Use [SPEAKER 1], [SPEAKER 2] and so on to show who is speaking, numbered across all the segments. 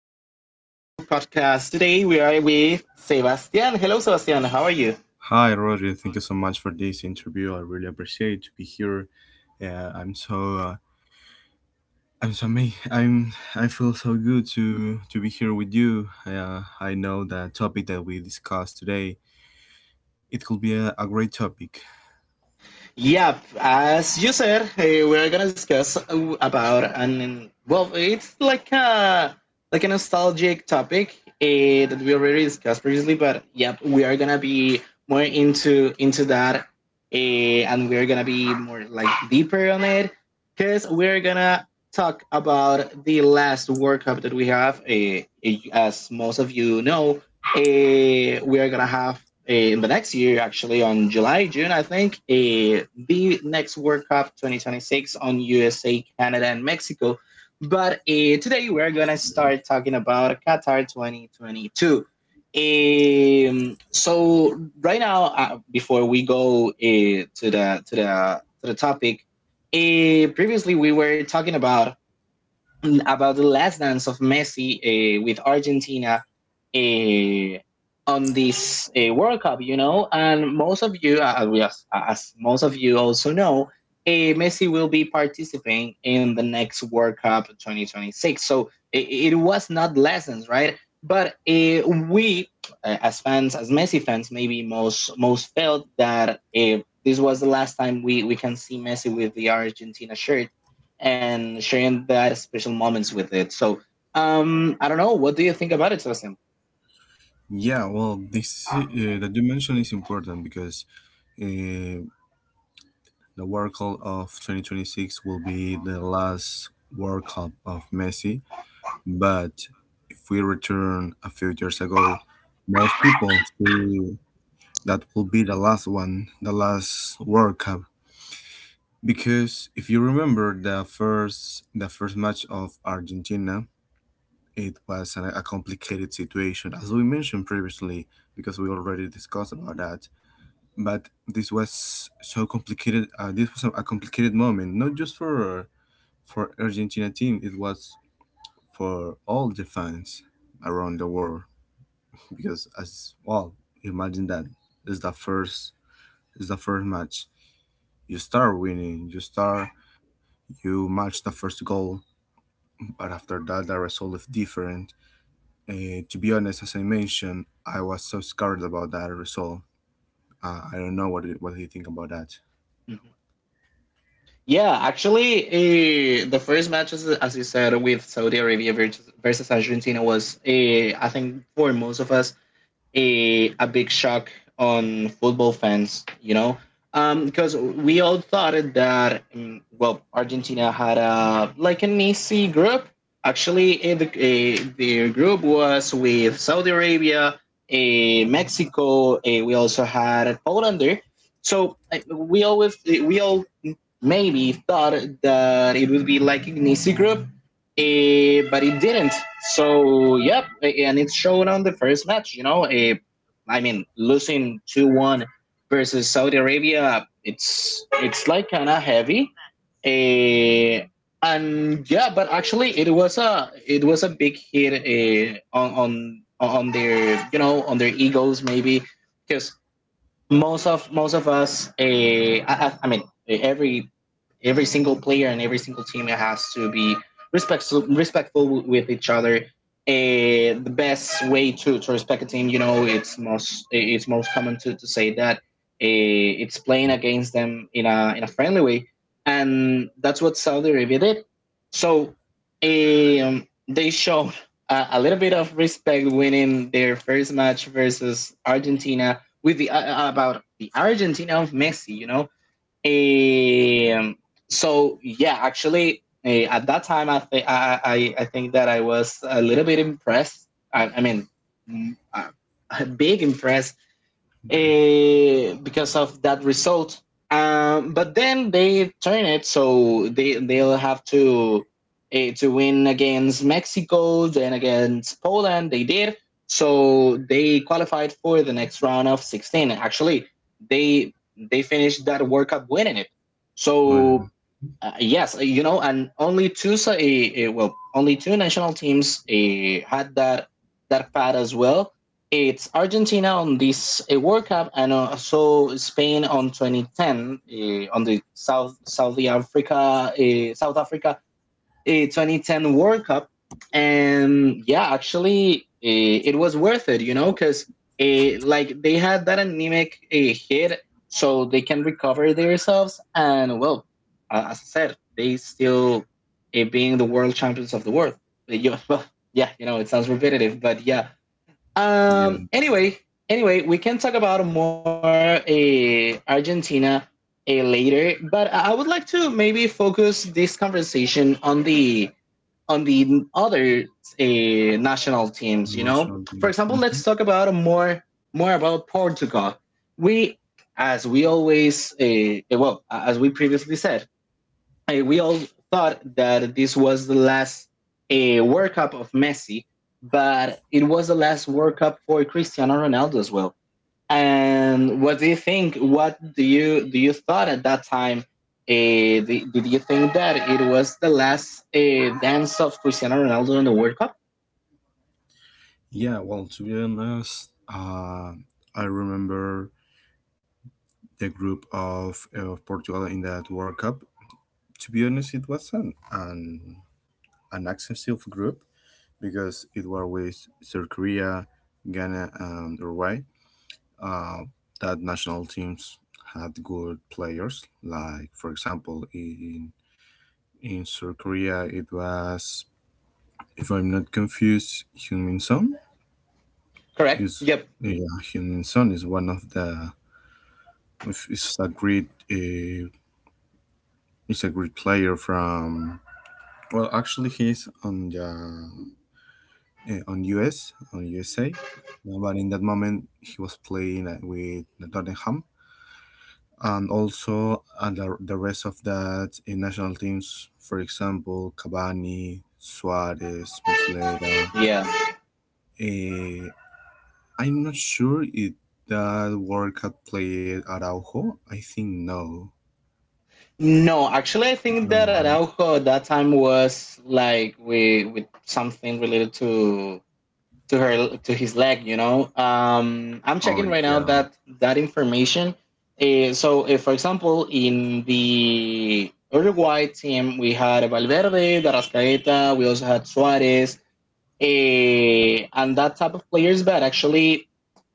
[SPEAKER 1] podcast. Today we are with Sebastian. Hello, Sebastian. How are you? Yeah, as you said, we are gonna discuss about and, it's like a nostalgic topic that we already discussed previously. But yep, we are gonna be more into that. And we are gonna be more like deeper on it because we're gonna talk about the last World Cup that we have. As most of you know, we are gonna have in the next year, actually on July, June, I think, the next World Cup 2026 on USA, Canada, and Mexico. But today we're gonna start talking about Qatar 2022. So right now, before we go to the to the topic, previously we were talking about about the last dance of Messi with Argentina uh, on this World Cup, you know, and most of you, as most of you also know, Messi will be participating in the next World Cup 2026. So it was not lessons, right? But we, as fans, as Messi fans, maybe most felt that this was the last time we can see Messi with the Argentina shirt and sharing that special moments with it. So I don't know. What do you think about it, Sebastian? Mm-hmm. Yeah, actually, the first match, as you said, with Saudi Arabia versus Argentina was, I think, for most of us, a big shock on football fans, you know, because we all thought it that well, Argentina had a like an easy group. Actually, the group was with Saudi Arabia, Mexico. We also had Poland there. We always we all maybe thought that it would be like Ignicy Group, but it didn't. So, yep, and it's shown on the first match. I mean, losing 2-1 versus Saudi Arabia, it's like kind of heavy. Eh, and yeah, but actually, it was a big hit on their on their egos maybe because most of us I mean every single player and every single team has to be respectful with each other. The best way to respect a team, you know it's it's most common to say that it's playing against them in a friendly way, and that's what Saudi Arabia did. So they showed a little bit of respect winning their first match versus Argentina with the about the Argentina of Messi. Um, so yeah, actually, at that time, I think that I was a little bit impressed. I mean, mm, uh, big impressed because of that result. But then they turn it, so they'll have to win against Mexico, then against Poland. They did, so they qualified for the next round of 16. Actually, they finished that World Cup winning it. So yes, and only two national teams had that path as well. It's Argentina on this World Cup, and also Spain on 2010, on the South Africa, South Africa a 2010 World Cup. And yeah, actually, it was worth it, because like they had that anemic hit, so they can recover themselves. And well, as I said, they still being the world champions of the world. Well, yeah, it sounds repetitive, but yeah. Um. Anyway, anyway, we can talk about more Argentina later, but I would like to maybe focus this conversation on the other national teams. For example, let's talk about more about Portugal. We, as we always, well, as we previously said, we all thought that this was the last World Cup of Messi, but it was the last World Cup for Cristiano Ronaldo as well. And what do you think? What do you thought at that time? Did you think that it was the last dance of Cristiano Ronaldo in the World Cup? Correct. Yep. Yeah. No, actually, I think that Araujo at that time was like with something related to his leg. I'm checking right now that information. So, if, for example, in the Uruguay team, we had Valverde, Darascaeta, we also had Suarez, and that type of players. But actually,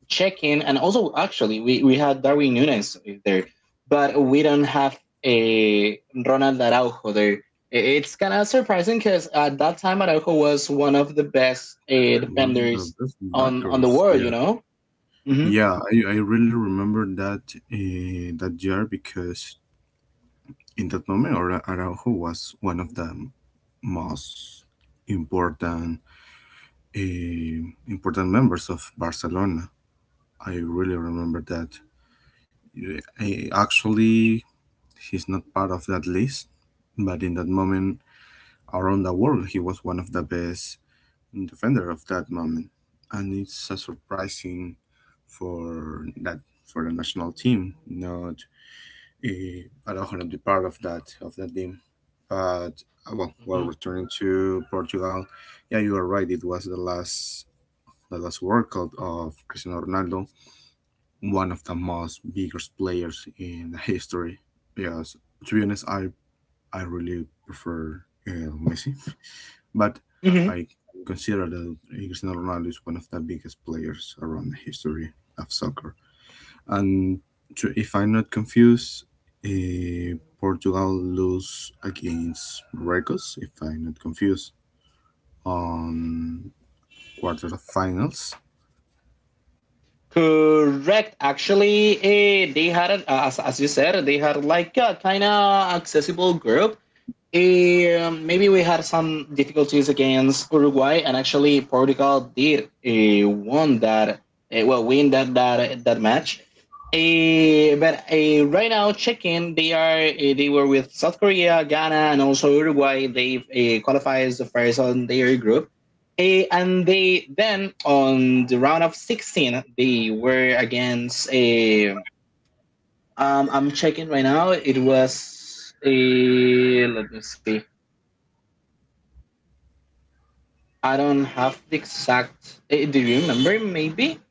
[SPEAKER 1] check in, and also actually we had Darwin Nunes there, but we don't have a Ronald Araujo there. It's kind of surprising because at that time Araujo was one of the best defenders on the world. You know. Hmm. Hmm. Hmm. Correct. Actually, they had, as you said, they had like a kind of accessible group. Maybe we had some difficulties against Uruguay, and actually Portugal did won that. Win that match. But right now, checking they were with South Korea, Ghana, and also Uruguay. They qualify as the first on their group. And they then on the round of 16 they were against a. I'm checking right now. It was a. Let me see. I don't have the exact. Do you remember? Maybe.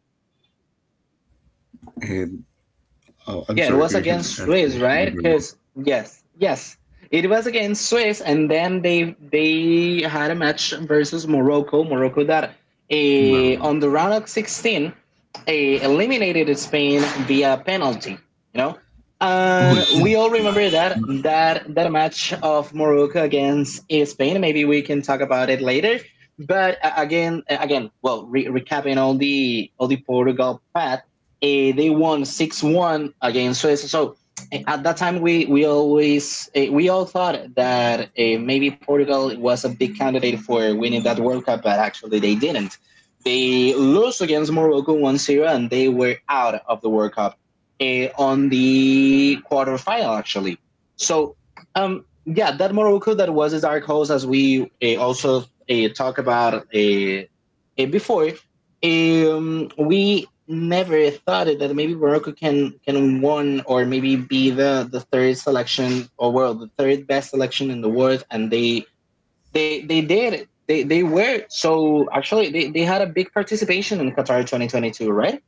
[SPEAKER 1] Yeah, it was against Swiss, right? Because yes, yes, it was against Swiss, and then they had a match versus Morocco. Morocco that on the round of 16 eliminated Spain via penalty. You know, and we all remember that match of Morocco against Spain. Maybe we can talk about it later. But again, recapping all the Portugal path. They won 6-1 against Suez. So at that time, we all thought that maybe Portugal was a big candidate for winning that World Cup, but actually they didn't. They lost against Morocco 1-0, and they were out of the World Cup on the quarterfinal actually. So yeah, that Morocco that was a dark horse, as we also talked about before. We never thought it that maybe Morocco can won or maybe be the third selection or world the third best selection in the world, and they did it. They were so actually they had a big participation in Qatar 2022, right?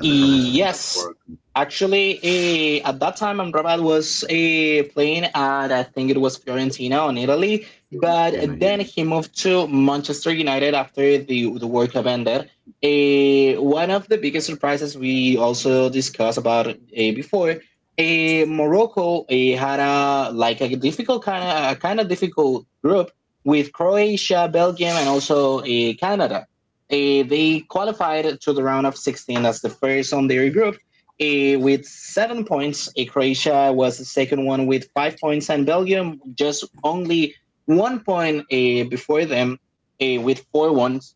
[SPEAKER 1] Yes, actually, at that time, Amrabat was playing at I think it was Fiorentina in Italy, but then he moved to Manchester United after the World Cup ended. One of the biggest surprises we also discussed about before. Morocco had a like a difficult kind of difficult group with Croatia, Belgium, and also Canada. They qualified to the round of 16 as the first on their group with 7 points. Croatia was the second one with 5 points, and Belgium just only 1 point before them with four ones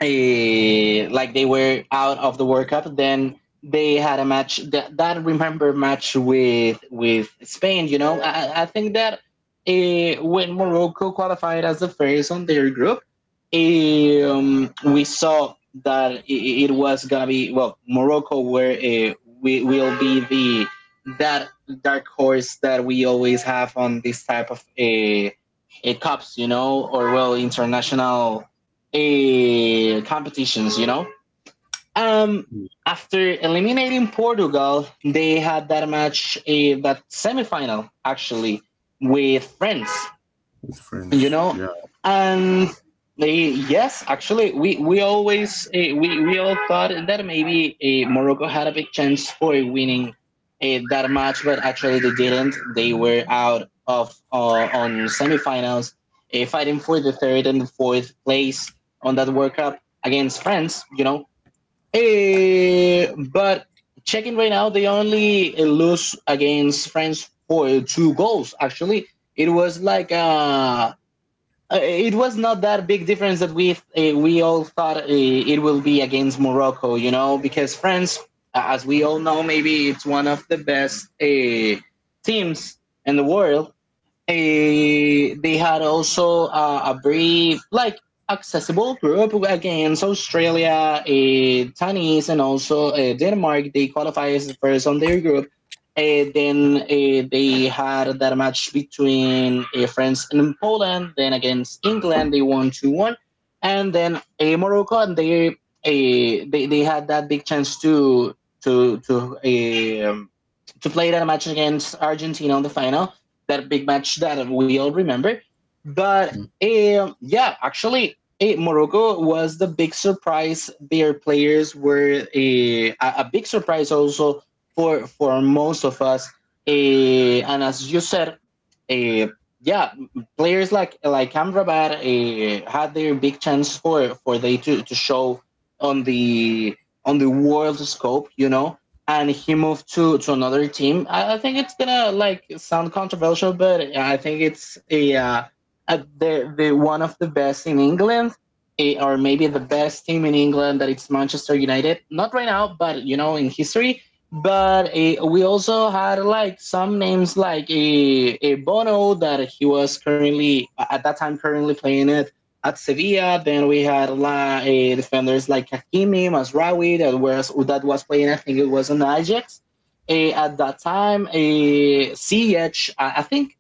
[SPEAKER 1] like they were out of the World Cup. Then they had a match that remember match with Spain. I think that when Morocco qualified as the first on their group, we saw that it was gonna be well Morocco where we will be the that dark horse that we always have on this type of a cups, or well international competitions. Um, After eliminating Portugal, they had that match, that semifinal actually with France, you know and yes, actually, we always eh, we all thought that maybe Morocco had a big chance for winning that match, but actually they didn't. They were out of on semifinals fighting for the third and the fourth place on that world cup against France. But checking right now they only lose against france for two goals. Actually, it was like a it was not that big difference that we all thought it will be against Morocco, you know, because France, as we all know, maybe it's one of the best teams in the world. They had also a brief, like, accessible group against Australia, Tanis, and also Denmark. They qualified as first on their group. Then they had that match between France and Poland. Then against England, they won 2-1. And then Morocco, and they, eh, they had that big chance to to eh, to play that match against Argentina on the final, that big match that we all remember. But yeah, actually, Morocco was the big surprise. Their players were a big surprise also for most of us. And as you said, eh, yeah, players like Amrabat had their big chance for they to show on the on the world scope. And he moved to another team. I think it's gonna like sound controversial, but I think it's a the one of the best in England, or maybe the best team in England. That it's Manchester United, not right now, but you know, in history. But we also had like some names like a Bono that he was currently at that time currently playing it at Sevilla. Then we had a lot defenders like Hakimi, Masraoui that was playing. I think it was in Ajax. At that time, a CH, I I think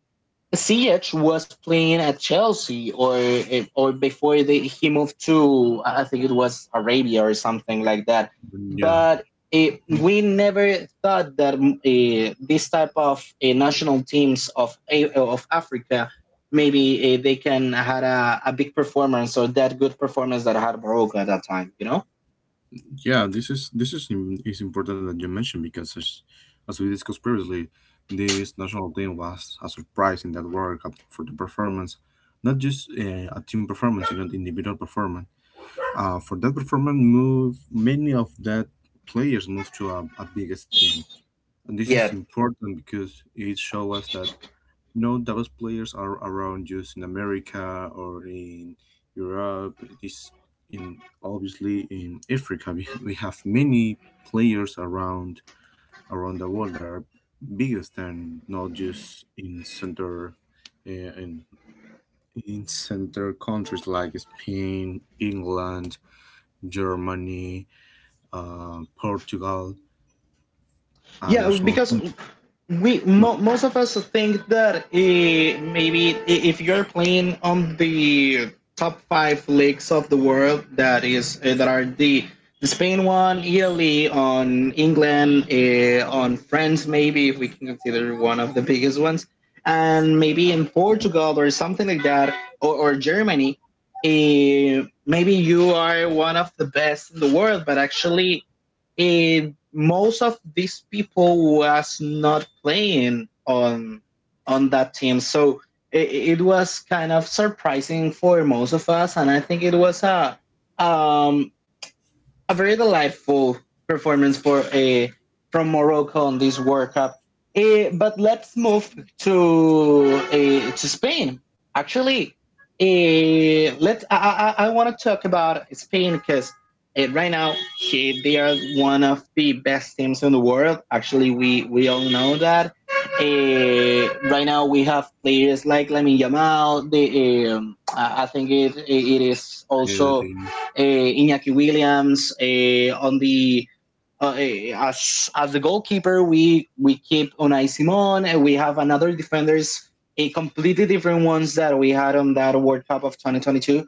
[SPEAKER 1] Ch was playing at Chelsea, or before he moved to, I think it was Arabia or something like that. But we never thought that this type of national teams of Africa maybe they can had a big performance or that good performance that had Morocco at that time. You know? Yeah. Yeah, because most of us think that maybe if you're playing on the top five leagues of the world, that is that are the Spain one, Italy, on England, on France, maybe if we can consider one of the biggest ones, and maybe in Portugal or something like that, or Germany. Maybe you are one of the best in the world, but actually most of these people was not playing on that team, so it was kind of surprising for most of us, and I think it was um a very delightful performance for from Morocco on this World Cup. But let's move to Spain. Actually, let I want to talk about Spain because right now they are one of the best teams in the world. Actually, we all know that. Right now we have players like Lamine Yamal. The I think it is also Iñaki Williams on the as the goalkeeper. We keep Unai Simon, and we have another defenders, a completely different ones that we had on that World Cup of 2022.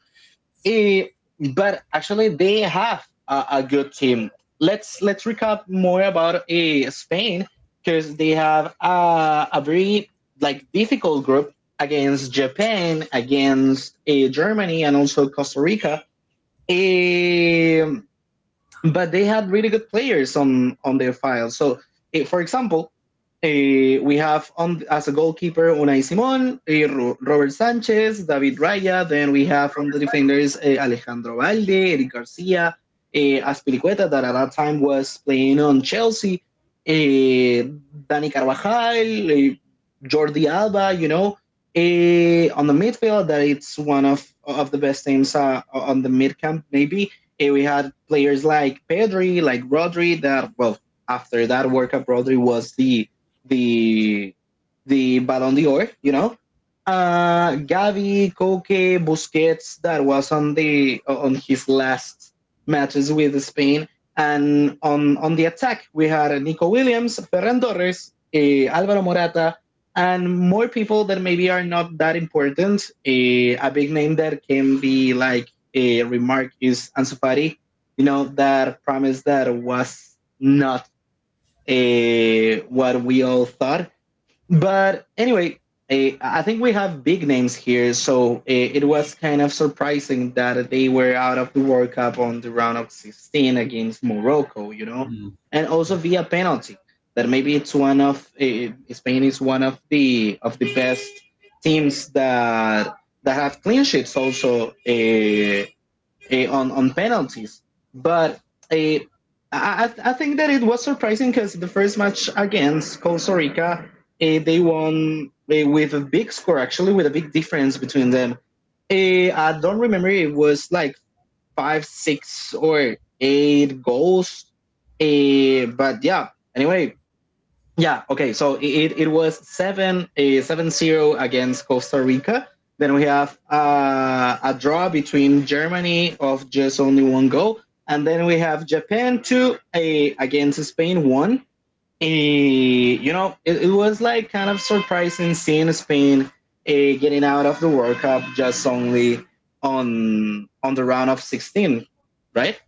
[SPEAKER 1] Eh, but actually, they have a good team. Let's recap more about Spain because they have a very like difficult group against Japan, against Germany, and also Costa Rica. Um, but they had really good players on their file. So, for example, we have on as a goalkeeper Unai Simón, Robert Sanchez, David Raya. Then we have on the defenders Alejandro Valde, Eric Garcia, Aspilicueta that at that time was playing on Chelsea, eh, Dani Carvajal, Jordi Alba. You know. On the midfield, that it's one of the best names on the mid camp, maybe, and we had players like Pedri, like Rodri. That, well, after that World Cup, Rodri was the the the Ballon d'Or. You know, Gavi, Koke, Busquets. That was on the on his last matches with Spain. And on the attack, we had Nico Williams, Ferran Torres, Alvaro Morata, and more people that maybe are not that important. A big name that can be like a remark is Ansu Fati. You know, that promise that was not what we all thought. But anyway, I think we have big names here, so it was kind of surprising that they were out of the World Cup on the round of 16 against Morocco. You know, and also via penalty. That maybe it's one of Spain is one of the best teams that have clean sheets also on penalties. But eh, I think that it was surprising because the first match against Costa Rica, they won with a big score actually, with a big difference between them. I don't remember, it was like five, six, or eight goals. But yeah, anyway, yeah. Okay. So it was seven 7-0 against Costa Rica. Then we have a draw between Germany of just only one goal, and then we have Japan two against Spain one. You know, it was like kind of surprising seeing Spain getting out of the World Cup just only on the round of 16, right?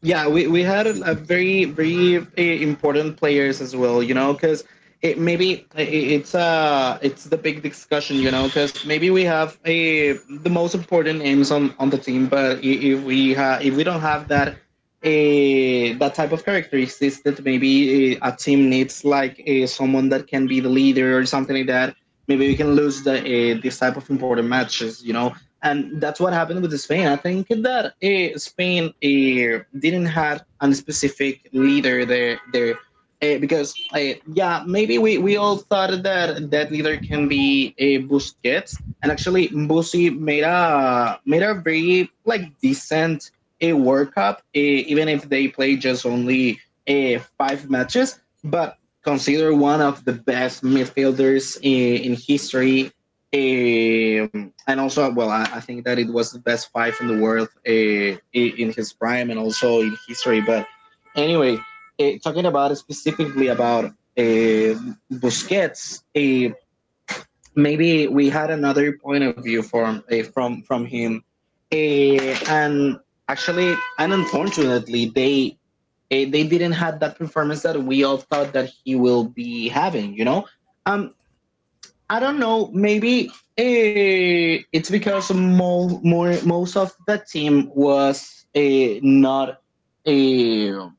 [SPEAKER 1] Yeah, we had a very important players as well, you know, because it maybe it's the big discussion, you know, because maybe we have a the most important names on the team, but if we don't have that type of characteristics, that maybe a team needs like someone that can be the leader or something like that. Maybe we can lose the this type of important matches, you know, and that's what happened with Spain. I think that Spain didn't have a specific leader there. Because yeah, maybe we all thought that that leader can be a Busquets, and actually Busi made a very like decent a World Cup, even if they played just only five matches, but considered one of the best midfielders in history. And also, well, I think that it was the best five in the world in his prime and also in history. But anyway, talking about specifically about Busquets, maybe we had another point of view from from him. And actually, and unfortunately, they didn't have that performance that we all thought that he will be having. You know, um, I don't know. Maybe it's because most of the team was not a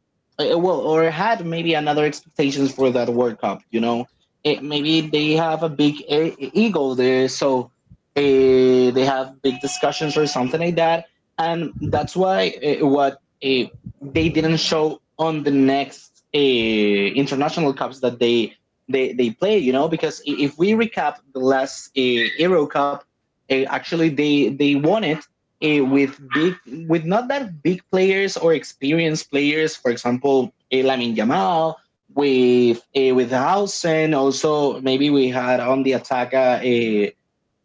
[SPEAKER 1] well, or had maybe another expectations for that World Cup. You know. Maybe they have a big ego there, so they have big discussions or something like that, and that's why they didn't show on the next international cups that they play. You know, because if we recap the last Euro Cup, actually they won it uh, with big with not that big players or experienced players. For example, Lamin Yamal with Hausen. Also, maybe we had on the attack a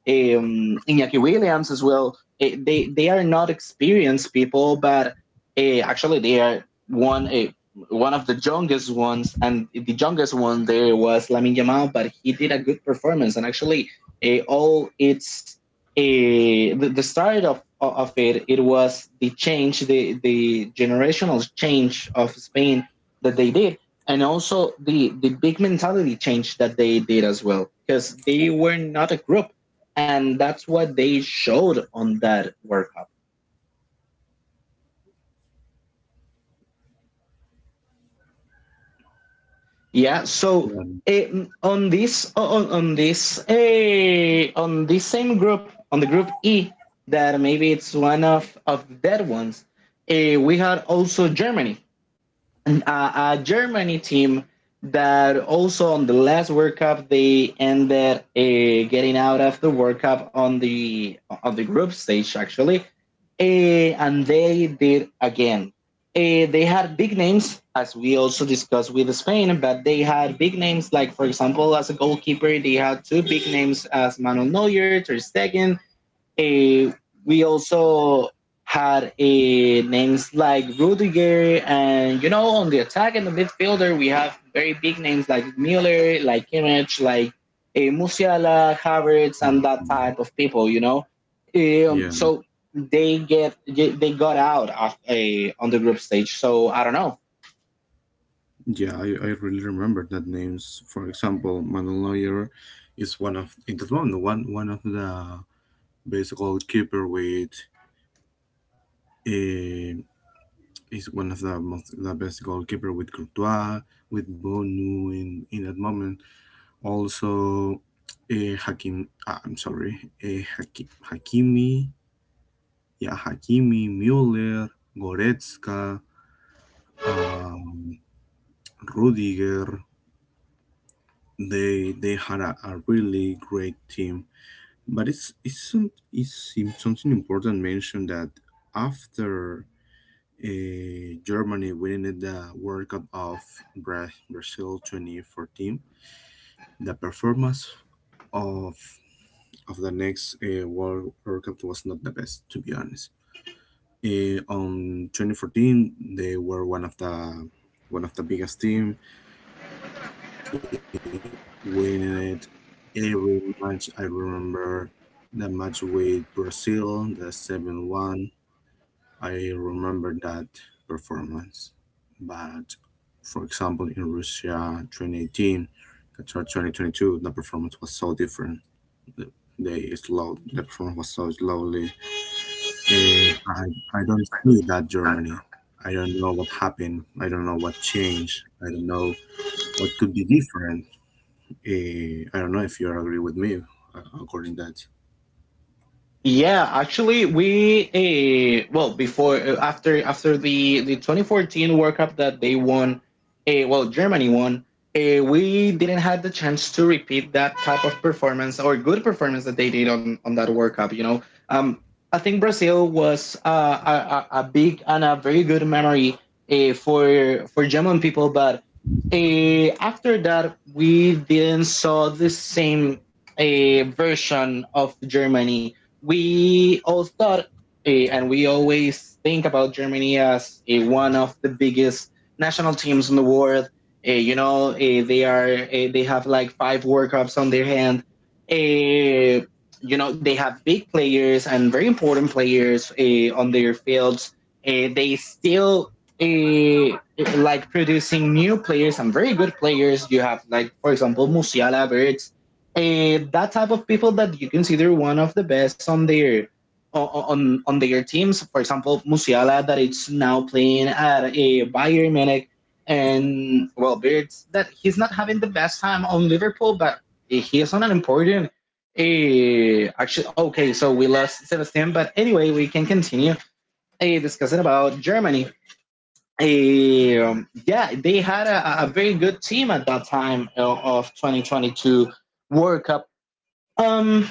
[SPEAKER 1] Iñaki Williams as well. They are not experienced people, but actually they are one. One of the youngest ones, and the youngest one there was Lamine Yamal, but he did a good performance. And actually, eh, all its eh, the start of it, it was the change, the generational change of Spain that they did, and also the big mentality change that they did as well, because they were not a group, and that's what they showed on that World Cup. Yeah. So on this same group on the group E that maybe it's one of the dead ones. We had also Germany, a Germany team that also on the last World Cup they ended getting out of the World Cup on the group stage actually, uh, and they did again. They had big names, as we also discussed with Spain, but they had big names like, for example, as a goalkeeper they had two big names as Manuel Neuer, Ter Stegen. Eh, we also had names like Rudiger, and you know, on the attack and the midfielder, we have very big names like Müller, like Kimmich, like Musiala, Havertz, and that type of people. You know. So they get they got out of, on the group stage. So I don't know. Yeah, actually, we well before after the 2014 World Cup that they won, well Germany won. We didn't have the chance to repeat that type of performance or good performance that they did on that World Cup. Um, I think Brazil was a big and a very good memory for German people, but after that we didn't saw the same version of Germany we all thought, and we always think about Germany as one of the biggest national teams in the world. They are they have like 5 World Cups on their hand. Uh, they have big players and very important players on their fields. They still uh, like producing new players and very good players. You have like, for example, Musiala, that type of people that you consider one of the best on their on on their teams. For example, Musiala that it's now playing at a Bayern Munich, and well, Beards that he's not having the best time on Liverpool, but he is on an important. Actually, okay, so we lost Sebastian, but anyway, we can continue discussing about Germany. Yeah, they had a very good team at that time of 2022. World Cup. um,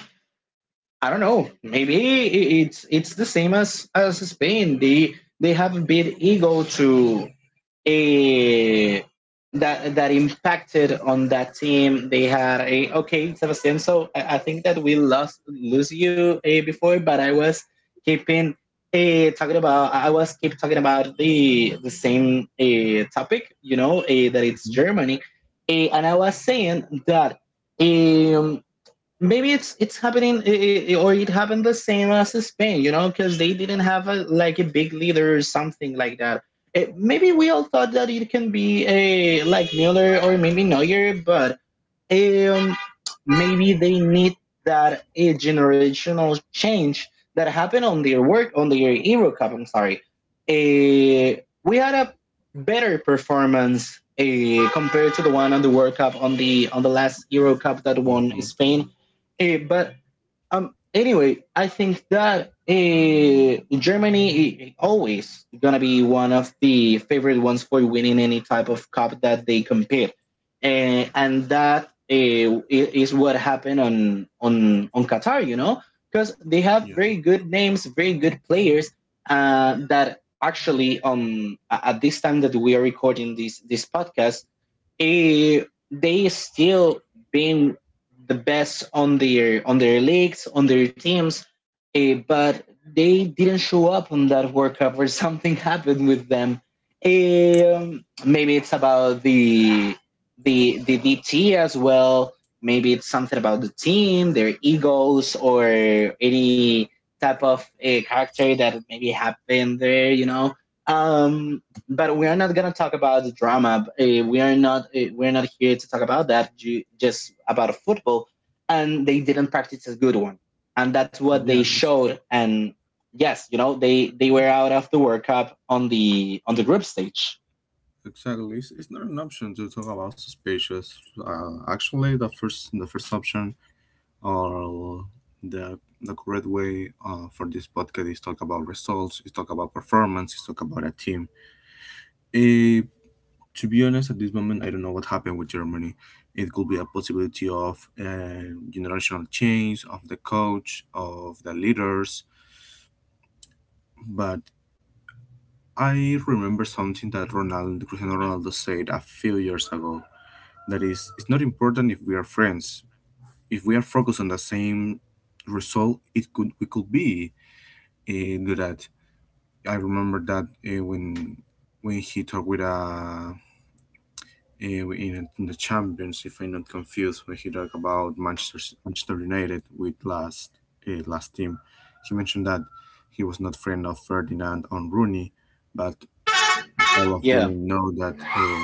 [SPEAKER 1] I don't know. Maybe it's the same as Spain. They have a big ego to a that that impacted on that team. They had a okay, Sebastian. So I think that we lost lose you before, but I was keeping talking about. I was keep talking about the same topic. You know, that it's Germany, and I was saying that. Um, maybe it's happening I or it happened the same as Spain, you know, because they didn't have a like a big leader or something like that. It, maybe we all thought that it can be a like Mueller or maybe Neuer, but um, maybe they need that a generational change that happened on their work on their Euro Cup. I'm sorry. We had a better performance compared to the one on the World Cup on the last Euro Cup that won
[SPEAKER 2] Mm-hmm.
[SPEAKER 1] Spain. Eh, but. Anyway, I think that Germany always gonna be one of the favorite ones for winning any type of cup that they compete. And that is what happened on on Qatar. You know, because they have
[SPEAKER 2] Yeah,
[SPEAKER 1] very good names, very good players that actually, at this time that we are recording this this podcast, eh, they still been the best on their leagues on their teams, but they didn't show up on that World Cup or something happened with them. Maybe it's about the the DT as well. Maybe it's something about the team, their egos or any type of a character that maybe happened there, you know. um but we are not gonna talk about the drama. We are not we are not here to talk about that. Just about football, and they didn't practice a good one, and that's what they
[SPEAKER 2] yeah,
[SPEAKER 1] showed. And yes, you know, they were out of the World Cup on the group stage.
[SPEAKER 2] exactly. It's not an option to talk about suspicious. Actually, the first option or the correct way for this podcast is talk about results, is talk about performance, is talk about a team. Eh, to be honest, at this moment, I don't know what happened with Germany. It could be a possibility of generational change of the coach, of the leaders, but I remember something that Ronaldo, Cristiano Ronaldo said a few years ago. That is, it's not important if we are friends. If we are focused on the same result, it could we could be good at. I remember that when he talked with uh, in the Champions, if I'm not confused, when he talked about Manchester United with last team, he mentioned that he was not friend of Ferdinand on Rooney, but all of
[SPEAKER 1] Yeah,
[SPEAKER 2] them know that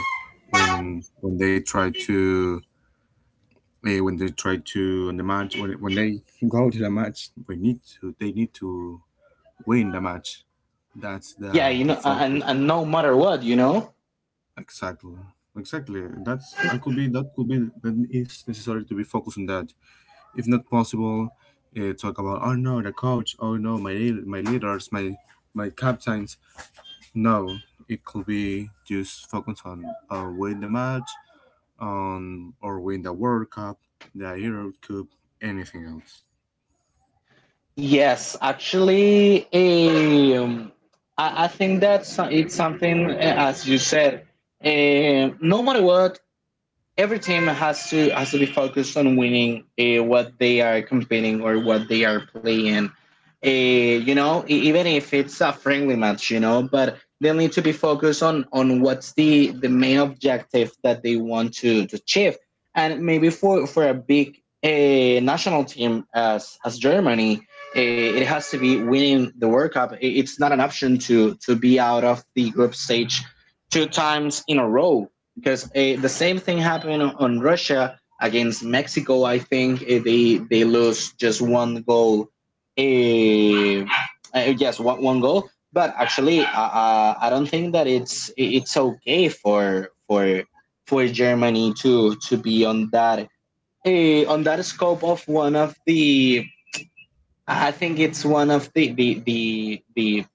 [SPEAKER 2] when they try to in the match when they go to the match we need to they need to win the match. That's
[SPEAKER 1] yeah,
[SPEAKER 2] the
[SPEAKER 1] you
[SPEAKER 2] the
[SPEAKER 1] know, and
[SPEAKER 2] focus.
[SPEAKER 1] and no matter what, you know.
[SPEAKER 2] Exactly. Exactly, that could be that is necessary to be focused on that. If not possible, talk about, oh, no, the coach, oh, no, my leaders, my captains. No, it could be just focus on, win the match, or win the World Cup, the Euro Cup, anything else.
[SPEAKER 1] Yes, actually, um, I think that's it's something as you said. No matter what, every team has to be focused on winning what they are competing or what they are playing. You know, even if it's a friendly match, you know, but they'll need to be focused on what's the main objective that they want to achieve. And maybe for a big national team as Germany, uh, it has to be winning the World Cup. It's not an option to be out of the group stage two times in a row, because the same thing happened on Russia against Mexico. I think they lost just one goal. Uh, yes, one goal. But actually, I don't think that it's okay for for Germany to be on that scope of one of the. I think it's one of the the the the,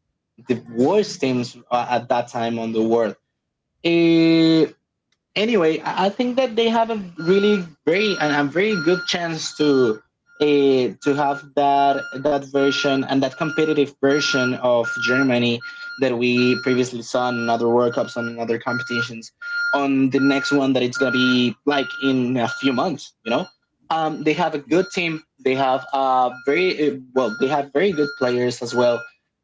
[SPEAKER 1] the worst teams at that time on the world. Uh, anyway, I think that they have a really very and a very good chance to have that that version and that competitive version of Germany that we previously saw in other World Cups and in other competitions on the next one that it's gonna be like in a few months. You know, they have a good team. They have very well. They have very good players as well.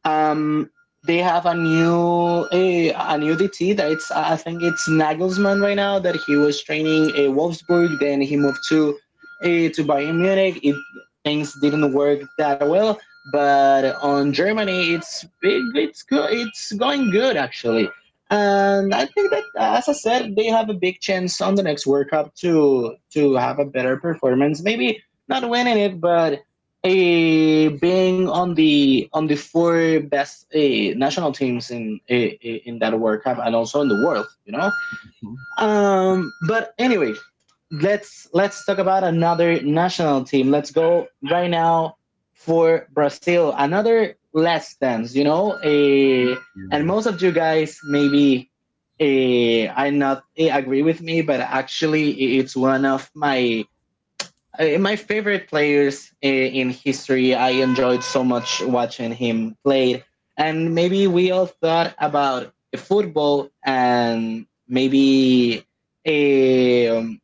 [SPEAKER 1] Um, they have a new a new DT that it's, I think it's Nagelsmann right now, that he was training a Wolfsburg. Then he moved to to Bayern Munich. It, things didn't work that well, but on Germany it's big. It's good. It's going good actually. And I think that, as I said, they have a big chance on the next World Cup to have a better performance. Maybe not winning it, but being on the four best national teams in in that World Cup and also in the world, you know.
[SPEAKER 2] Mhm.
[SPEAKER 1] But anyway, let's talk about another national team. Let's go right now for Brazil. Another last dance, you know.
[SPEAKER 2] Yeah,
[SPEAKER 1] And most of you guys maybe I not agree with me, but actually, it's one of my my favorite players in history. I enjoyed so much watching him play. And maybe we all thought about football and maybe a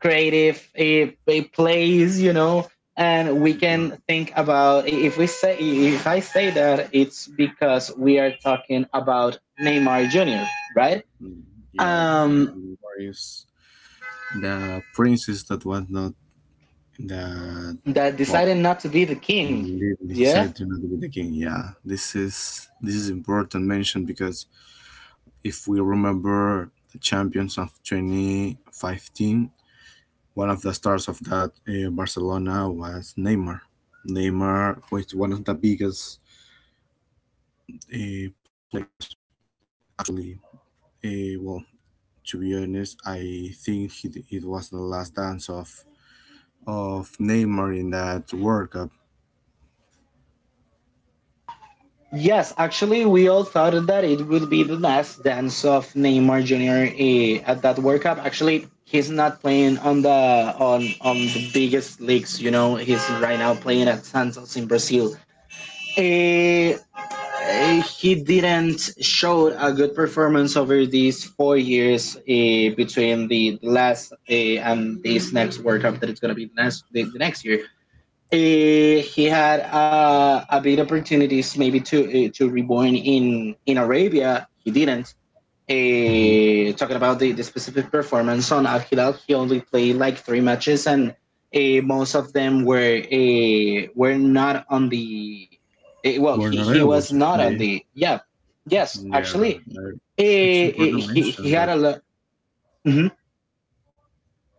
[SPEAKER 1] creative a plays, you know. And we
[SPEAKER 2] yeah,
[SPEAKER 1] can think about if we say if I say that it's because we are talking about Neymar Jr. Right?
[SPEAKER 2] mm, yeah.
[SPEAKER 1] Um,
[SPEAKER 2] There is the princess that was not the
[SPEAKER 1] that
[SPEAKER 2] well,
[SPEAKER 1] decided not to be the king.
[SPEAKER 2] didn't
[SPEAKER 1] Yeah.
[SPEAKER 2] decide to not be the king. Yeah, this is important mention because if we remember the champions of 2015, one of the stars of that Barcelona was Neymar. Neymar was one of the biggest players Lee. Well, to be honest, I think it was the last dance of Neymar in that World Cup.
[SPEAKER 1] Yes, actually, we all thought that it would be the last dance of Neymar Junior at that World Cup. Actually, he's not playing on the biggest leagues. You know, he's right now playing at Santos in Brazil. Eh, he didn't show a good performance over these 4 years, between the last and this next World Cup that it's going to be the next the next year. He had a big opportunities maybe to reborn in Arabia. He didn't.
[SPEAKER 2] Hmm.
[SPEAKER 1] Talking about the specific performance on Al Hilal, he only played like 3 matches, and most of them were were not on the. Well,
[SPEAKER 2] We not
[SPEAKER 1] he was
[SPEAKER 2] able to
[SPEAKER 1] not on
[SPEAKER 2] play.
[SPEAKER 1] the. Yeah, yes,
[SPEAKER 2] Yeah,
[SPEAKER 1] actually,
[SPEAKER 2] I- it's important to
[SPEAKER 1] he
[SPEAKER 2] mention
[SPEAKER 1] had
[SPEAKER 2] that.
[SPEAKER 1] a lot.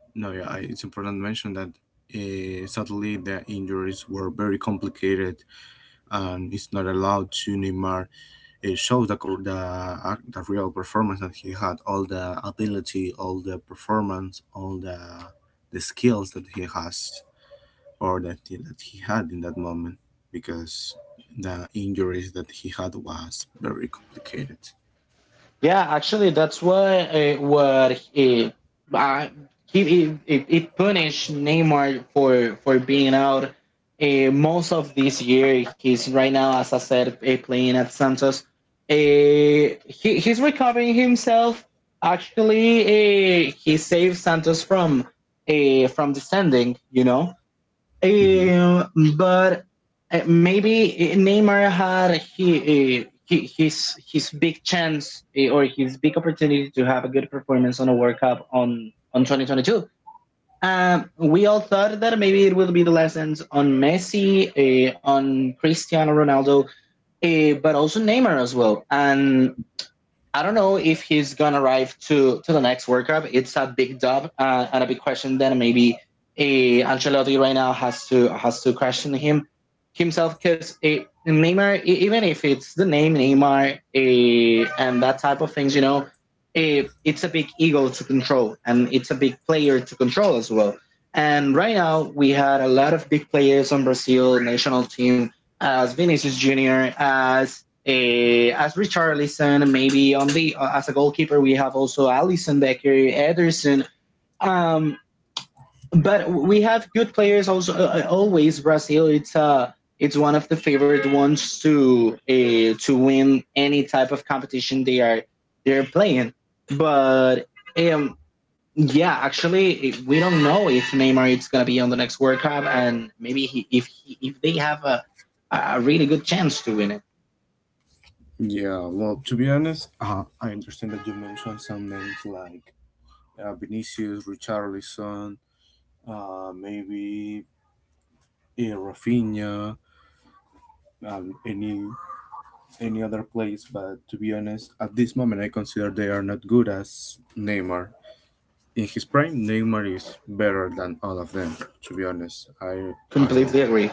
[SPEAKER 2] No, yeah, it's important to mention that. Sadly, the injuries were very complicated, and it's not allowed to Neymar show the, cor- the ac- the real performance that he had, all the ability, all the performance, all the skills that he has, or that he had in that moment, because the injuries that he had was very complicated.
[SPEAKER 1] Yeah, actually, that's why what he, uh, he punished Neymar for being out most of this year. He's right now, as I said, playing at Santos. Uh, he's recovering himself. Actually, he saved Santos from descending. You know.
[SPEAKER 2] Mhm.
[SPEAKER 1] Um, but maybe Neymar had he his big chance or his big opportunity to have a good performance on a World Cup on 2022. We all thought that maybe it will be the lessons on Messi, on Cristiano Ronaldo, but also Neymar as well. And I don't know if he's gonna arrive to the next World Cup. It's a big job and a big question. Then maybe Ancelotti right now has to question him himself, because Neymar, even if it's the name Neymar and that type of things, you know, it's a big ego to control and it's a big player to control as well. And right now we had a lot of big players on Brazil national team as Vinicius Junior, as Richarlison, maybe on the, as a goalkeeper we have also Alisson Becker, Ederson. Um, but we have good players also, always. Brazil, it's one of the favorite ones to win any type of competition they are they're playing. But um, yeah, actually, we don't know if Neymar is gonna be on the next World Cup, and maybe he, if they have a really good chance to win it.
[SPEAKER 2] Yeah, well, to be honest, I understand that you mentioned some names like Vinicius, Richarlison, maybe, yeah, Rafinha, um, any any other players. But to be honest, at this moment, I consider they are not good as Neymar. In his prime, Neymar is better than all of them. To be honest, I
[SPEAKER 1] Completely agree.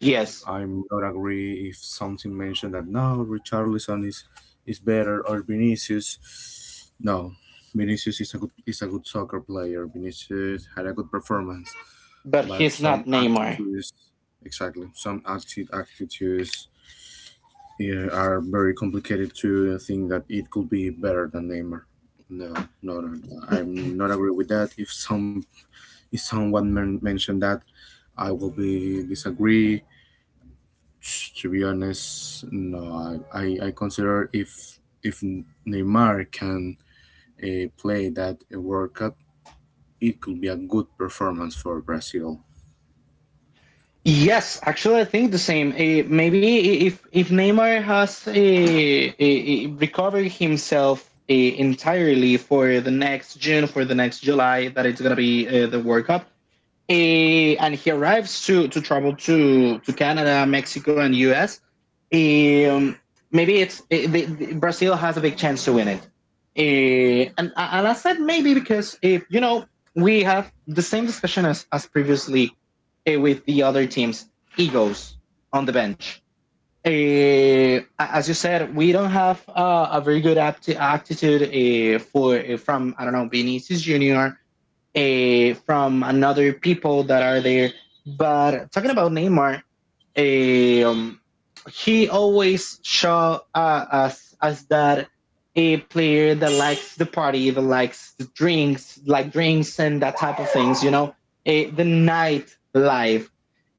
[SPEAKER 1] Yes.
[SPEAKER 2] I'm not agree if something mentioned that, no, Richarlison is better or Vinicius. No, Vinicius is a good soccer player. Vinicius had a good performance,
[SPEAKER 1] But
[SPEAKER 2] but
[SPEAKER 1] he's not
[SPEAKER 2] some
[SPEAKER 1] Neymar.
[SPEAKER 2] attitudes, exactly, some active attitudes, yeah, are very complicated to think that it could be better than Neymar. No, no, no, no. I'm not agree with that. If someone mentioned that, I will be disagree, to be honest. No, consider if Neymar can play that World Cup, it could be a good performance for Brazil.
[SPEAKER 1] Yes, actually, I think the same. Maybe if Neymar has recovered himself entirely for the next June, for the next July, that it's gonna be the World Cup. And he arrives to travel to Canada, Mexico, and U.S. Um, maybe it's Brazil has a big chance to win it. And I said maybe because, if you know, we have the same discussion as previously with the other teams, egos on the bench. As you said, we don't have a very good aptitude for from I don't know Vinicius Junior, from another people that are there. But talking about Neymar, eh, um, he always show us as that a player that likes the party, that likes the drinks, like drinks and that type of things. The night life,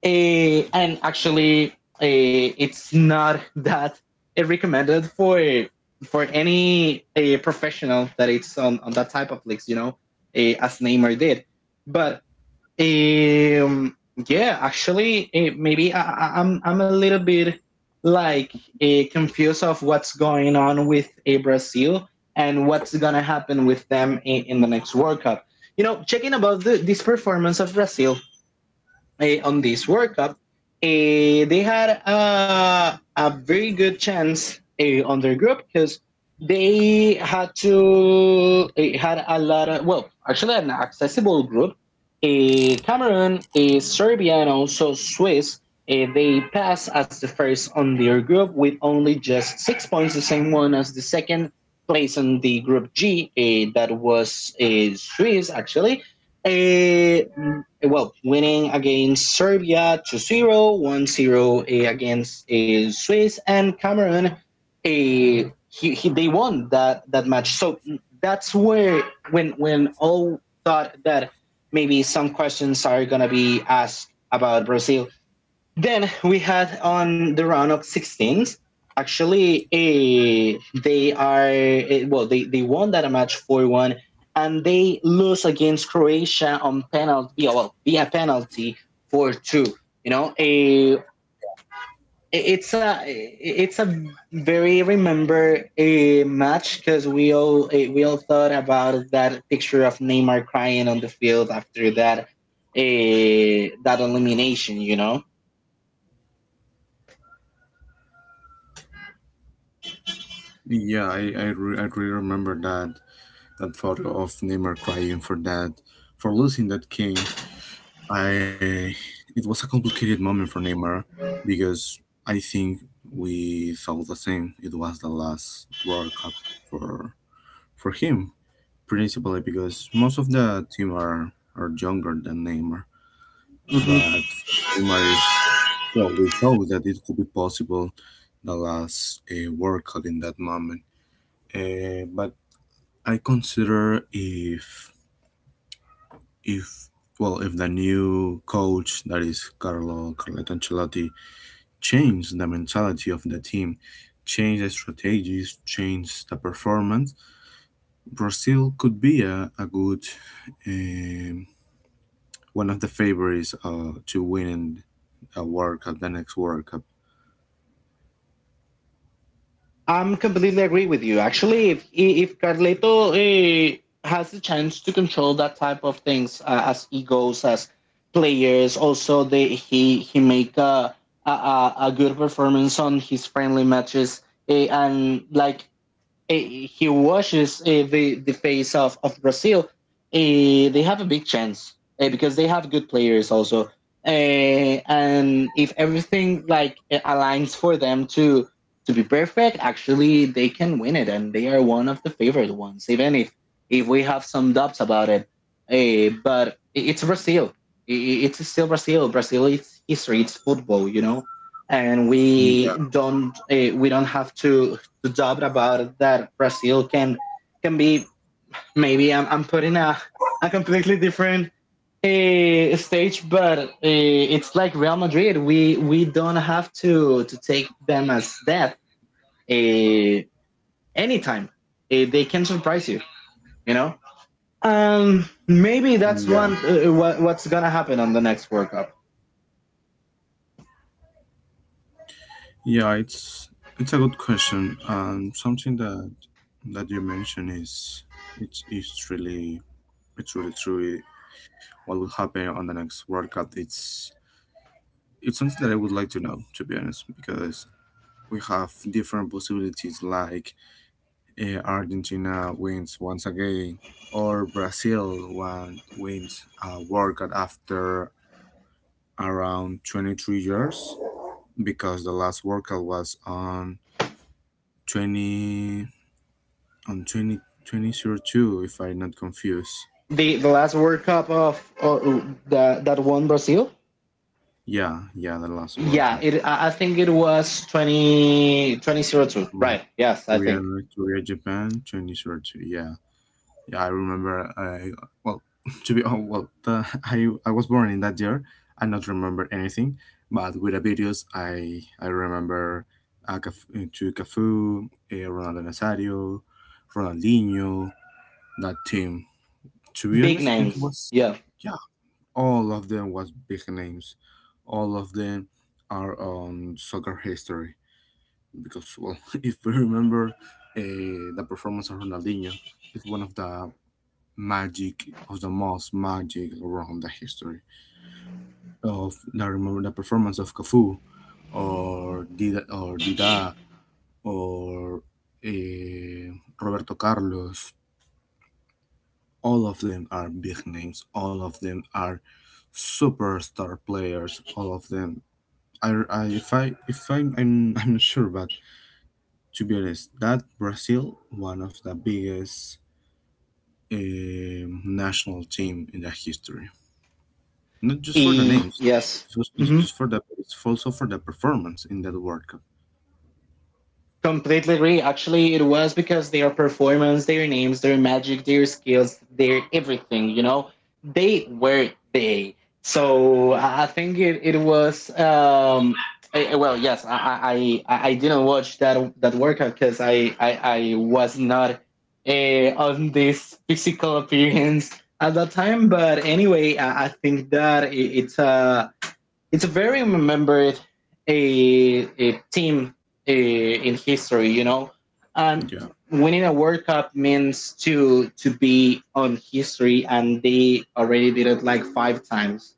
[SPEAKER 1] and actually, it's not that recommended for any professional that it's on that type of leagues, as Neymar did. But um, yeah, actually, maybe I'm a little bit like confused of what's going on with Brazil and what's gonna happen with them in the next World Cup. Checking about this performance of Brazil on this World Cup. They had a very good chance on their group because they had to, had a lot of, well, actually, an accessible group. Cameroon, Serbia, and also Swiss. They pass as the first on their group with only just 6 points, the same one as the second place in the group G, that was Swiss actually. Eh, well, winning against Serbia 2-0, 1-0 0, against Swiss and Cameroon. He, they won that match. So that's when all thought that maybe some questions are going to be asked about Brazil. Then we had on the round of 16s. Actually, Well, they won that match 4-1, and they lose against Croatia on penalty. Yeah, well, via penalty 4-2. You know, a it's a it's a very remember a match because we all thought about that picture of Neymar crying on the field after that elimination.
[SPEAKER 2] Yeah, I really remember that photo of Neymar crying for losing that game. I It was a complicated moment for Neymar because I think we felt the same. It was the last World Cup for for him, principally because most of the team are younger than Neymar. But Neymar is, well, we thought that it could be possible the last workout in that moment. But I consider if well, if the new coach, that is Carlo Carletto Ancelotti, change the mentality of the team, change the strategies, change the performance, Brazil could be a good, um, one of the favorites to win a World Cup, the next World Cup.
[SPEAKER 1] I'm completely agree with you. Actually, if Carleto, has the chance to control that type of things, as egos, as players, also they he make a good performance on his friendly matches, and, like, he washes, the face of Brazil, they have a big chance, because they have good players also. And if everything, like, aligns for them to be perfect, actually they can win it, and they are one of the favorite ones, even if we have some doubts about it. But it's Brazil. It's still Brazil. Brazil is history. It's football, and we
[SPEAKER 2] Yeah,
[SPEAKER 1] don't eh, we don't have to the job about that Brazil can be. Maybe I'm putting a completely different, stage, but, it's like Real Madrid. We don't have to take them as that, uh, anytime. They can surprise you, you know. Maybe
[SPEAKER 2] yeah,
[SPEAKER 1] that's what's gonna happen on the next World Cup.
[SPEAKER 2] yeah. It's a good question. Something that you mentioned is it's it's really it's really true. What will happen on the next World Cup? It's something that I would like to know, to be honest, because we have different possibilities. Like, Argentina wins once again, or Brazil one wins a World Cup after around 23 years because the last workout was on 20 on twenty twenty zero two, if I'm not confused.
[SPEAKER 1] The last World Cup of, that won Brazil.
[SPEAKER 2] Yeah, yeah, the last
[SPEAKER 1] Yeah,
[SPEAKER 2] workout.
[SPEAKER 1] it. I think it was twenty twenty zero two.
[SPEAKER 2] Um,
[SPEAKER 1] Right. Yes, I
[SPEAKER 2] korea
[SPEAKER 1] think.
[SPEAKER 2] korea, Japan, 2002, yeah. Yeah, I remember. I Well, to be, oh, well, I was born in that year. I not remember anything, but with the videos I remember to Cafu, Ronaldo Nazario, Ronaldinho, that team. To be
[SPEAKER 1] Big
[SPEAKER 2] honest, it
[SPEAKER 1] names.
[SPEAKER 2] was,
[SPEAKER 1] Yeah.
[SPEAKER 2] yeah, all of them was big names. All of them are on soccer history, because well, if we remember uh, the performance of Ronaldinho, it's one of the magic of the most magic around the history of. I remember the performance of Cafu, or Dida, or eh Roberto Carlos. All of them are big names, all of them are superstar players, all of them. I'm I'm not sure, but to be honest, that Brazil one of the biggest, national team in the history, not just for the
[SPEAKER 1] E.
[SPEAKER 2] names,
[SPEAKER 1] Yes.
[SPEAKER 2] it's also- it's
[SPEAKER 1] Mhm.
[SPEAKER 2] just for the it's also for the performance in that world cup.
[SPEAKER 1] Completely agree. Actually, it was because their performance, their names, their magic, their skills, their everything, they were they. So I think it was, well, yes, I didn't watch that workout because I was not, on this physical appearance at that time. But anyway, I think that it's a very remembered, a team in history. And
[SPEAKER 2] Yeah,
[SPEAKER 1] winning a World Cup means to be on history, and they already did it like 5 times.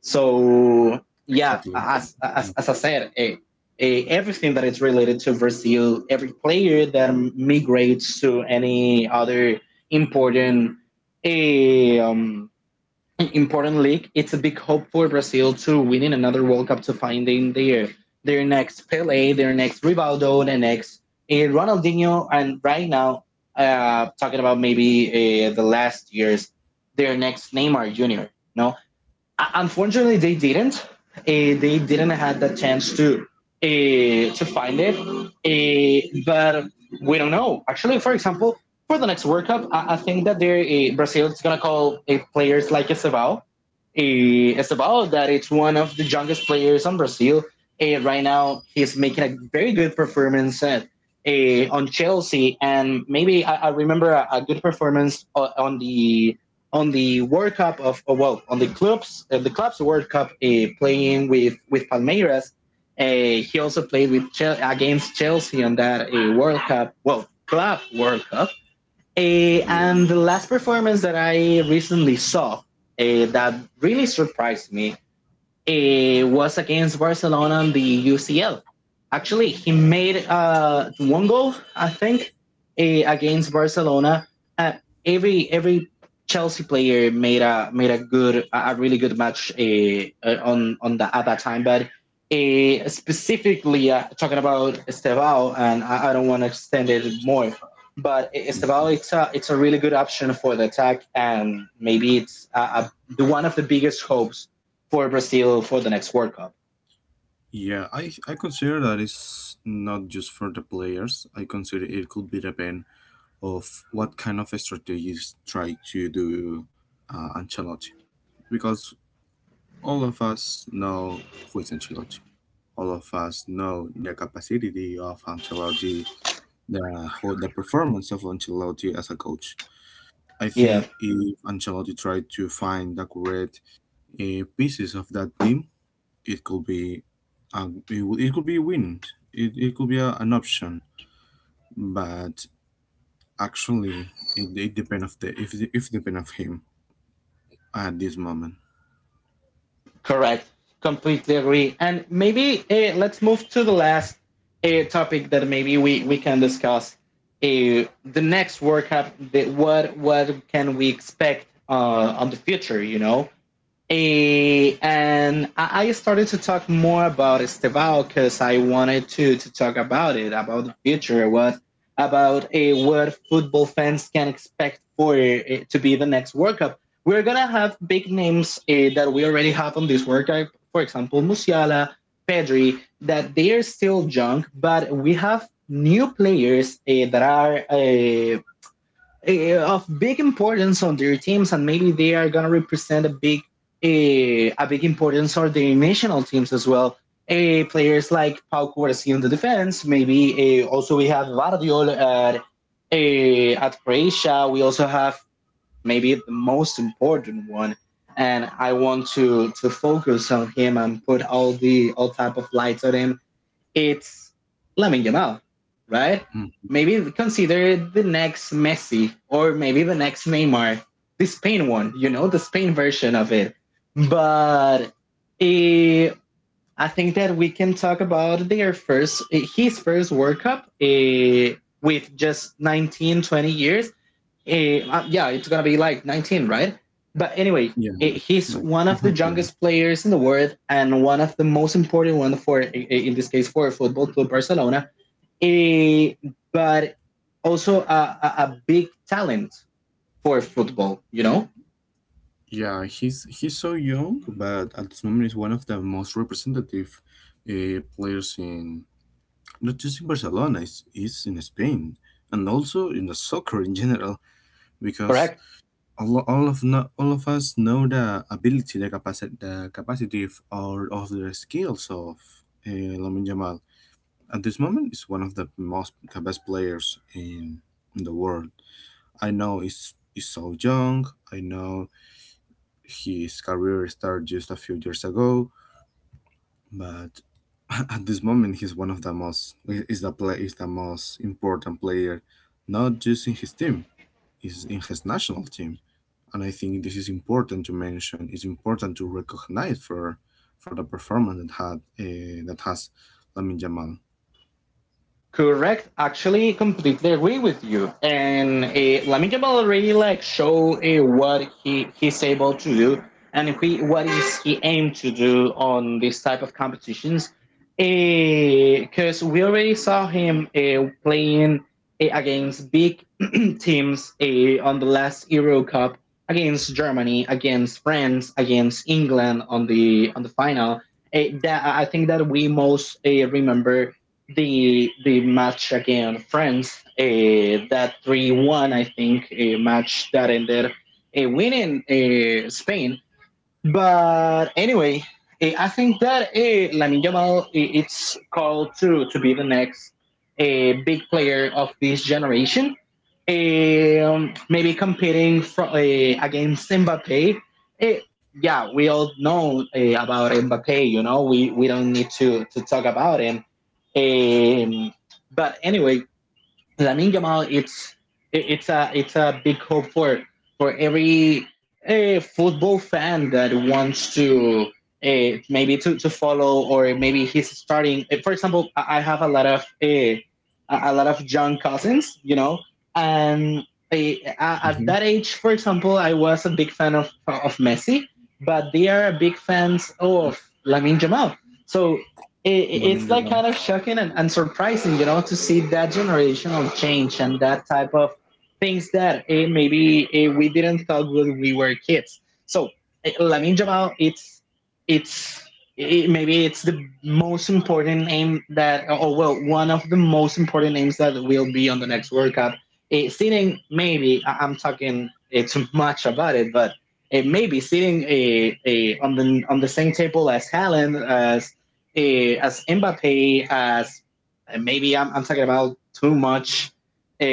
[SPEAKER 1] So yeah,
[SPEAKER 2] exactly.
[SPEAKER 1] as, as I said, everything that is related to Brazil, every player that migrates to any other important, eh, um, important league. It's a big hope for Brazil to winning another World Cup to finding their next Pele, their next Rivaldo, their next, Ronaldinho, and right now, talking about maybe, the last years, their next Neymar Junior. No, unfortunately, they didn't. They didn't have the chance to, to find it. But we don't know. Actually, for example, for the next World Cup, I think that, Brazil is going to call, players like Estevao. Estevao, that it's one of the youngest players on Brazil. Right now, he's making a very good performance, on Chelsea. And maybe I remember, a good performance, on the, World Cup well, on the clubs, World Cup, playing with Palmeiras. He also played with, against Chelsea on that, World Cup well club World Cup.
[SPEAKER 2] Yeah,
[SPEAKER 1] And the last performance that I recently saw, that really surprised me, it was against Barcelona in the UCL. Actually, he made, one goal, I think, against Barcelona. Uh, every Chelsea player made a really good match, on the at that time, but. Specifically, talking about Estevao, and I don't want to extend it more, but Estevao, it's a really good option for the attack, and maybe it's, the one of the biggest hopes for Brazil for the next World Cup.
[SPEAKER 2] yeah, I consider that it's not just for the players. I consider it could be the ban of what kind of strategies try to do, Ancelotti, because all of us know who is Ancelotti. All of us know the capacity of Ancelotti, the performance of Ancelotti as a coach. I
[SPEAKER 1] Yeah,
[SPEAKER 2] think if Ancelotti tried to find the correct, pieces of that team, it could be it could be a win. It could be an option, but actually, it depends of the, if depend of him, at this moment.
[SPEAKER 1] correct. Completely agree. And maybe, let's move to the last, topic that maybe we can discuss. The next World Cup, the, what can we expect, on the future? And I started to talk more about Estevao because I wanted to talk about it, about the future, what about a what football fans can expect to be the next World Cup. We're gonna have big names, that we already have on this World Cup, for example, Musiala, Pedri, that they are still young, but we have new players, that are, of big importance on their teams, and maybe they are gonna represent a big, a big importance on their national teams as well. Players like Pau Cuarci on the defense, maybe, also we have Vardiol, at Croatia. We also have maybe the most important one, and I want to, focus on him and put all the all type of lights on him. It's Lamin Yamal, right?
[SPEAKER 2] Mm.
[SPEAKER 1] Maybe consider the next Messi or maybe the next Neymar, the Spain one, the Spain version of it. But, eh, I think that we can talk about his first World Cup, with just 19, 20 years. Yeah, it's gonna be like 19, right? But anyway,
[SPEAKER 2] Yeah, it's
[SPEAKER 1] he's
[SPEAKER 2] like
[SPEAKER 1] one of the youngest players in the world and one of the most important one, in this case, for Football Club Barcelona. Eh, but also a big talent for football, you know?
[SPEAKER 2] Yeah, he's so young, but at this moment is one of the most representative players in not just in Barcelona, is in Spain, and also in the soccer in general, because
[SPEAKER 1] Correct.
[SPEAKER 2] all of no, all of us know the ability, the capacity, of or of the skills of, uh, Lamine Yamal. At this moment, is one of the best players in the world. I know he's so young. I know his career started just a few years ago, but at this moment he's one of the most is the play is the most important player, not just in his team, is in his national team, and I think this is important to mention. It's important to recognize for the performance that has Lamin Jamal.
[SPEAKER 1] Correct. Actually, completely agree with you. And, Lamine Jamal already like show, what he's able to do, and, what is he aim to do on this type of competitions. Because we already saw him, playing, against big teams, on the last Euro Cup against Germany, against France, against England on the final. That I think that we most, remember the match against France, that 3-1, I think, a match that ended, winning, Spain. But anyway, I think that, Lamin Jamal, it's called to be the next, big player of this generation. Maybe competing, against Mbappe. Eh, yeah, we all know, about Mbappe. We don't need to talk about him. Um, but anyway. Lamine Jamal, it's a big hope for every, football fan that wants to, maybe to follow or maybe he's starting. For example, I have a lot of, a lot of young cousins, and,
[SPEAKER 2] Hmm.
[SPEAKER 1] at that age, for example, I was a big fan of Messi, but they are big fans of Lamine Jamal. So
[SPEAKER 2] Lamine Yamal.
[SPEAKER 1] it's like kind of shocking and, surprising, to see that generational change and that type of things that, maybe, we didn't thought when we were kids. So, Lamin Jamal, it's, maybe it's the most important name one of the most important names that will be on the next World Cup. Sitting maybe, I'm talking, too much about it, but. It may be sitting, on the same table as Haaland, as Mbappe, as, maybe I'm talking about too much, uh,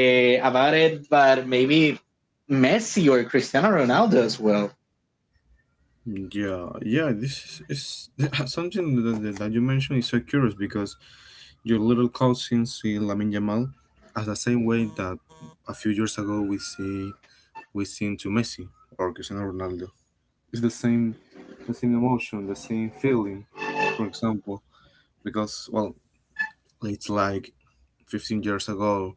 [SPEAKER 1] about it, but maybe Messi or Cristiano Ronaldo as well.
[SPEAKER 2] Yeah, yeah, this is something that you mentioned is so curious, because your little cousin see Lamin Yamal as the same way that a few years ago we seen to Messi or Cristiano Ronaldo. It's the same emotion, the same feeling, for example, because well, it's like 15 years ago,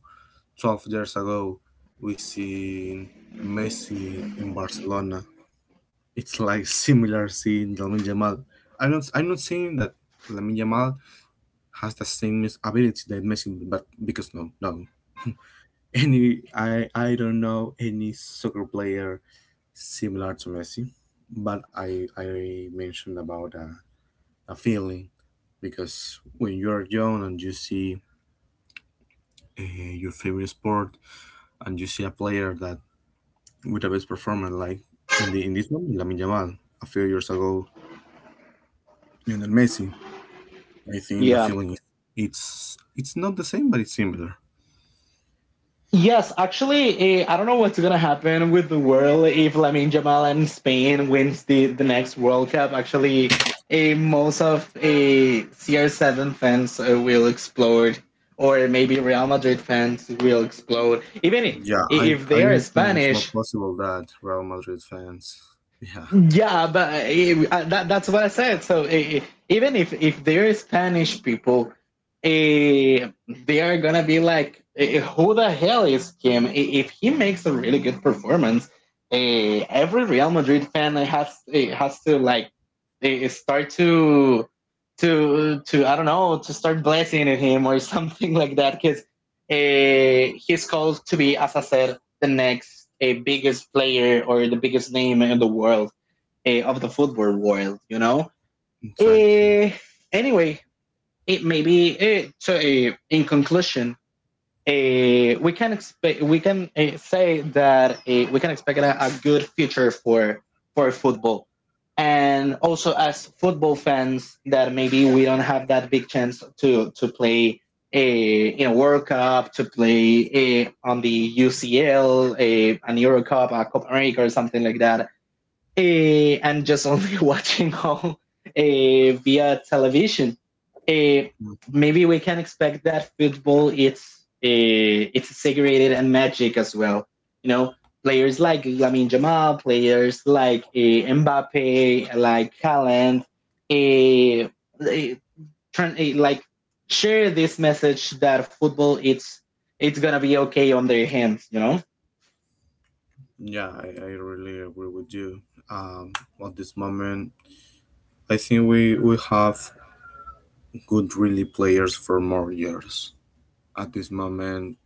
[SPEAKER 2] 12 years ago, we seen Messi in Barcelona. It's like similar seeing Lamine Yamal. I'm not saying that Lamine Yamal has the same ability that Messi, but because no, no, any I don't know any soccer player similar to Messi, but I mentioned about a feeling, because when you are young and you see, uh, your favorite sport, and you see a player that with the best performance, like in this moment Lamine Yamal, a few years ago Lionel Messi, I think the
[SPEAKER 1] Yeah.
[SPEAKER 2] feeling, it's not the same, but it's similar.
[SPEAKER 1] Yes, actually, I don't know what's gonna happen with the world if Lamine Yamal and Spain wins the next World Cup. Actually, most of, CR7 fans, will explode, or maybe Real Madrid fans will explode. Even if,
[SPEAKER 2] Yeah, I
[SPEAKER 1] if
[SPEAKER 2] I
[SPEAKER 1] they are
[SPEAKER 2] think it's more
[SPEAKER 1] Spanish.
[SPEAKER 2] possible that Real Madrid fans. Yeah,
[SPEAKER 1] Yeah, but, that's what I said. So, even if they're Spanish people, they are gonna be like, who the hell is Kim? If he makes a really good performance, every Real Madrid fan, has to, like, start to, I don't know, to start blessing him or something like that because, he's called to be, as I said, the next, biggest player or the biggest name in the world, of the football world.
[SPEAKER 2] exactly.
[SPEAKER 1] Uh, anyway, it maybe, so. In conclusion, uh, we can, say that, we can expect a good future for football and also as football fans that maybe we don't have that big chance to play a in a World Cup to play, on the UCL, a an Euro Cup, a Copa America or something like that, and just only watching all, via television. Eh,
[SPEAKER 2] Mm.
[SPEAKER 1] Maybe we can expect that football it's segregated and magic as well. You know, players like Lamine Jamal, players like, Mbappe, like Haaland, eh, eh, like share this message that football it's gonna be okay on their hands.
[SPEAKER 2] Yeah, I really agree with you. Um, at this moment, I think we have good really players for more years. At this moment,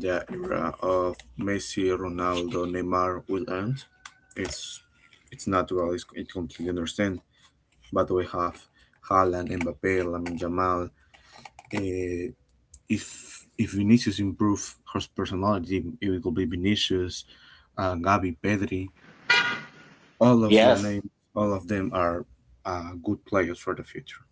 [SPEAKER 2] the era of Messi, Ronaldo, Neymar will end. It's it's natural. It completely understand. But we have Haaland, Mbappe, Lamine Jamal. Uh, if Vinicius improve his personality, it will be Vinicius, Gabi, Pedri. All of the
[SPEAKER 1] Yes.
[SPEAKER 2] name, all of them are, good players for the future.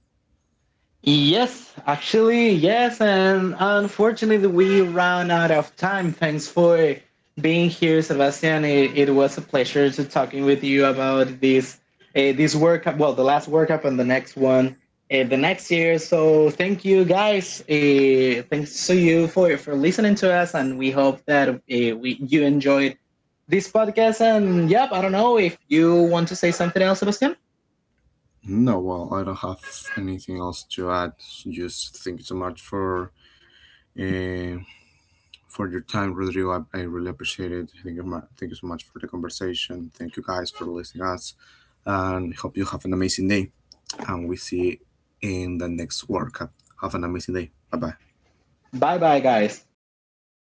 [SPEAKER 1] Yes, actually, yes, and unfortunately, we ran out of time. Thanks for being here, Sebastian. It was a pleasure to talking with you about this workup. Well, the last workup and the next one, the next year. So thank you, guys. Thanks to you for listening to us, and we hope that, we you enjoyed this podcast. And yep, I don't know if you want to say something else, Sebastian.
[SPEAKER 2] No, well, I don't have anything else to add. Just thank you so much uh, for your time, Rodrigo. I really appreciate it. Thank you, thank you so much for the conversation. Thank you guys for listening us. And hope you have an amazing day. And we see in the next workout. Have an amazing day. Bye bye.
[SPEAKER 1] Bye, bye, guys.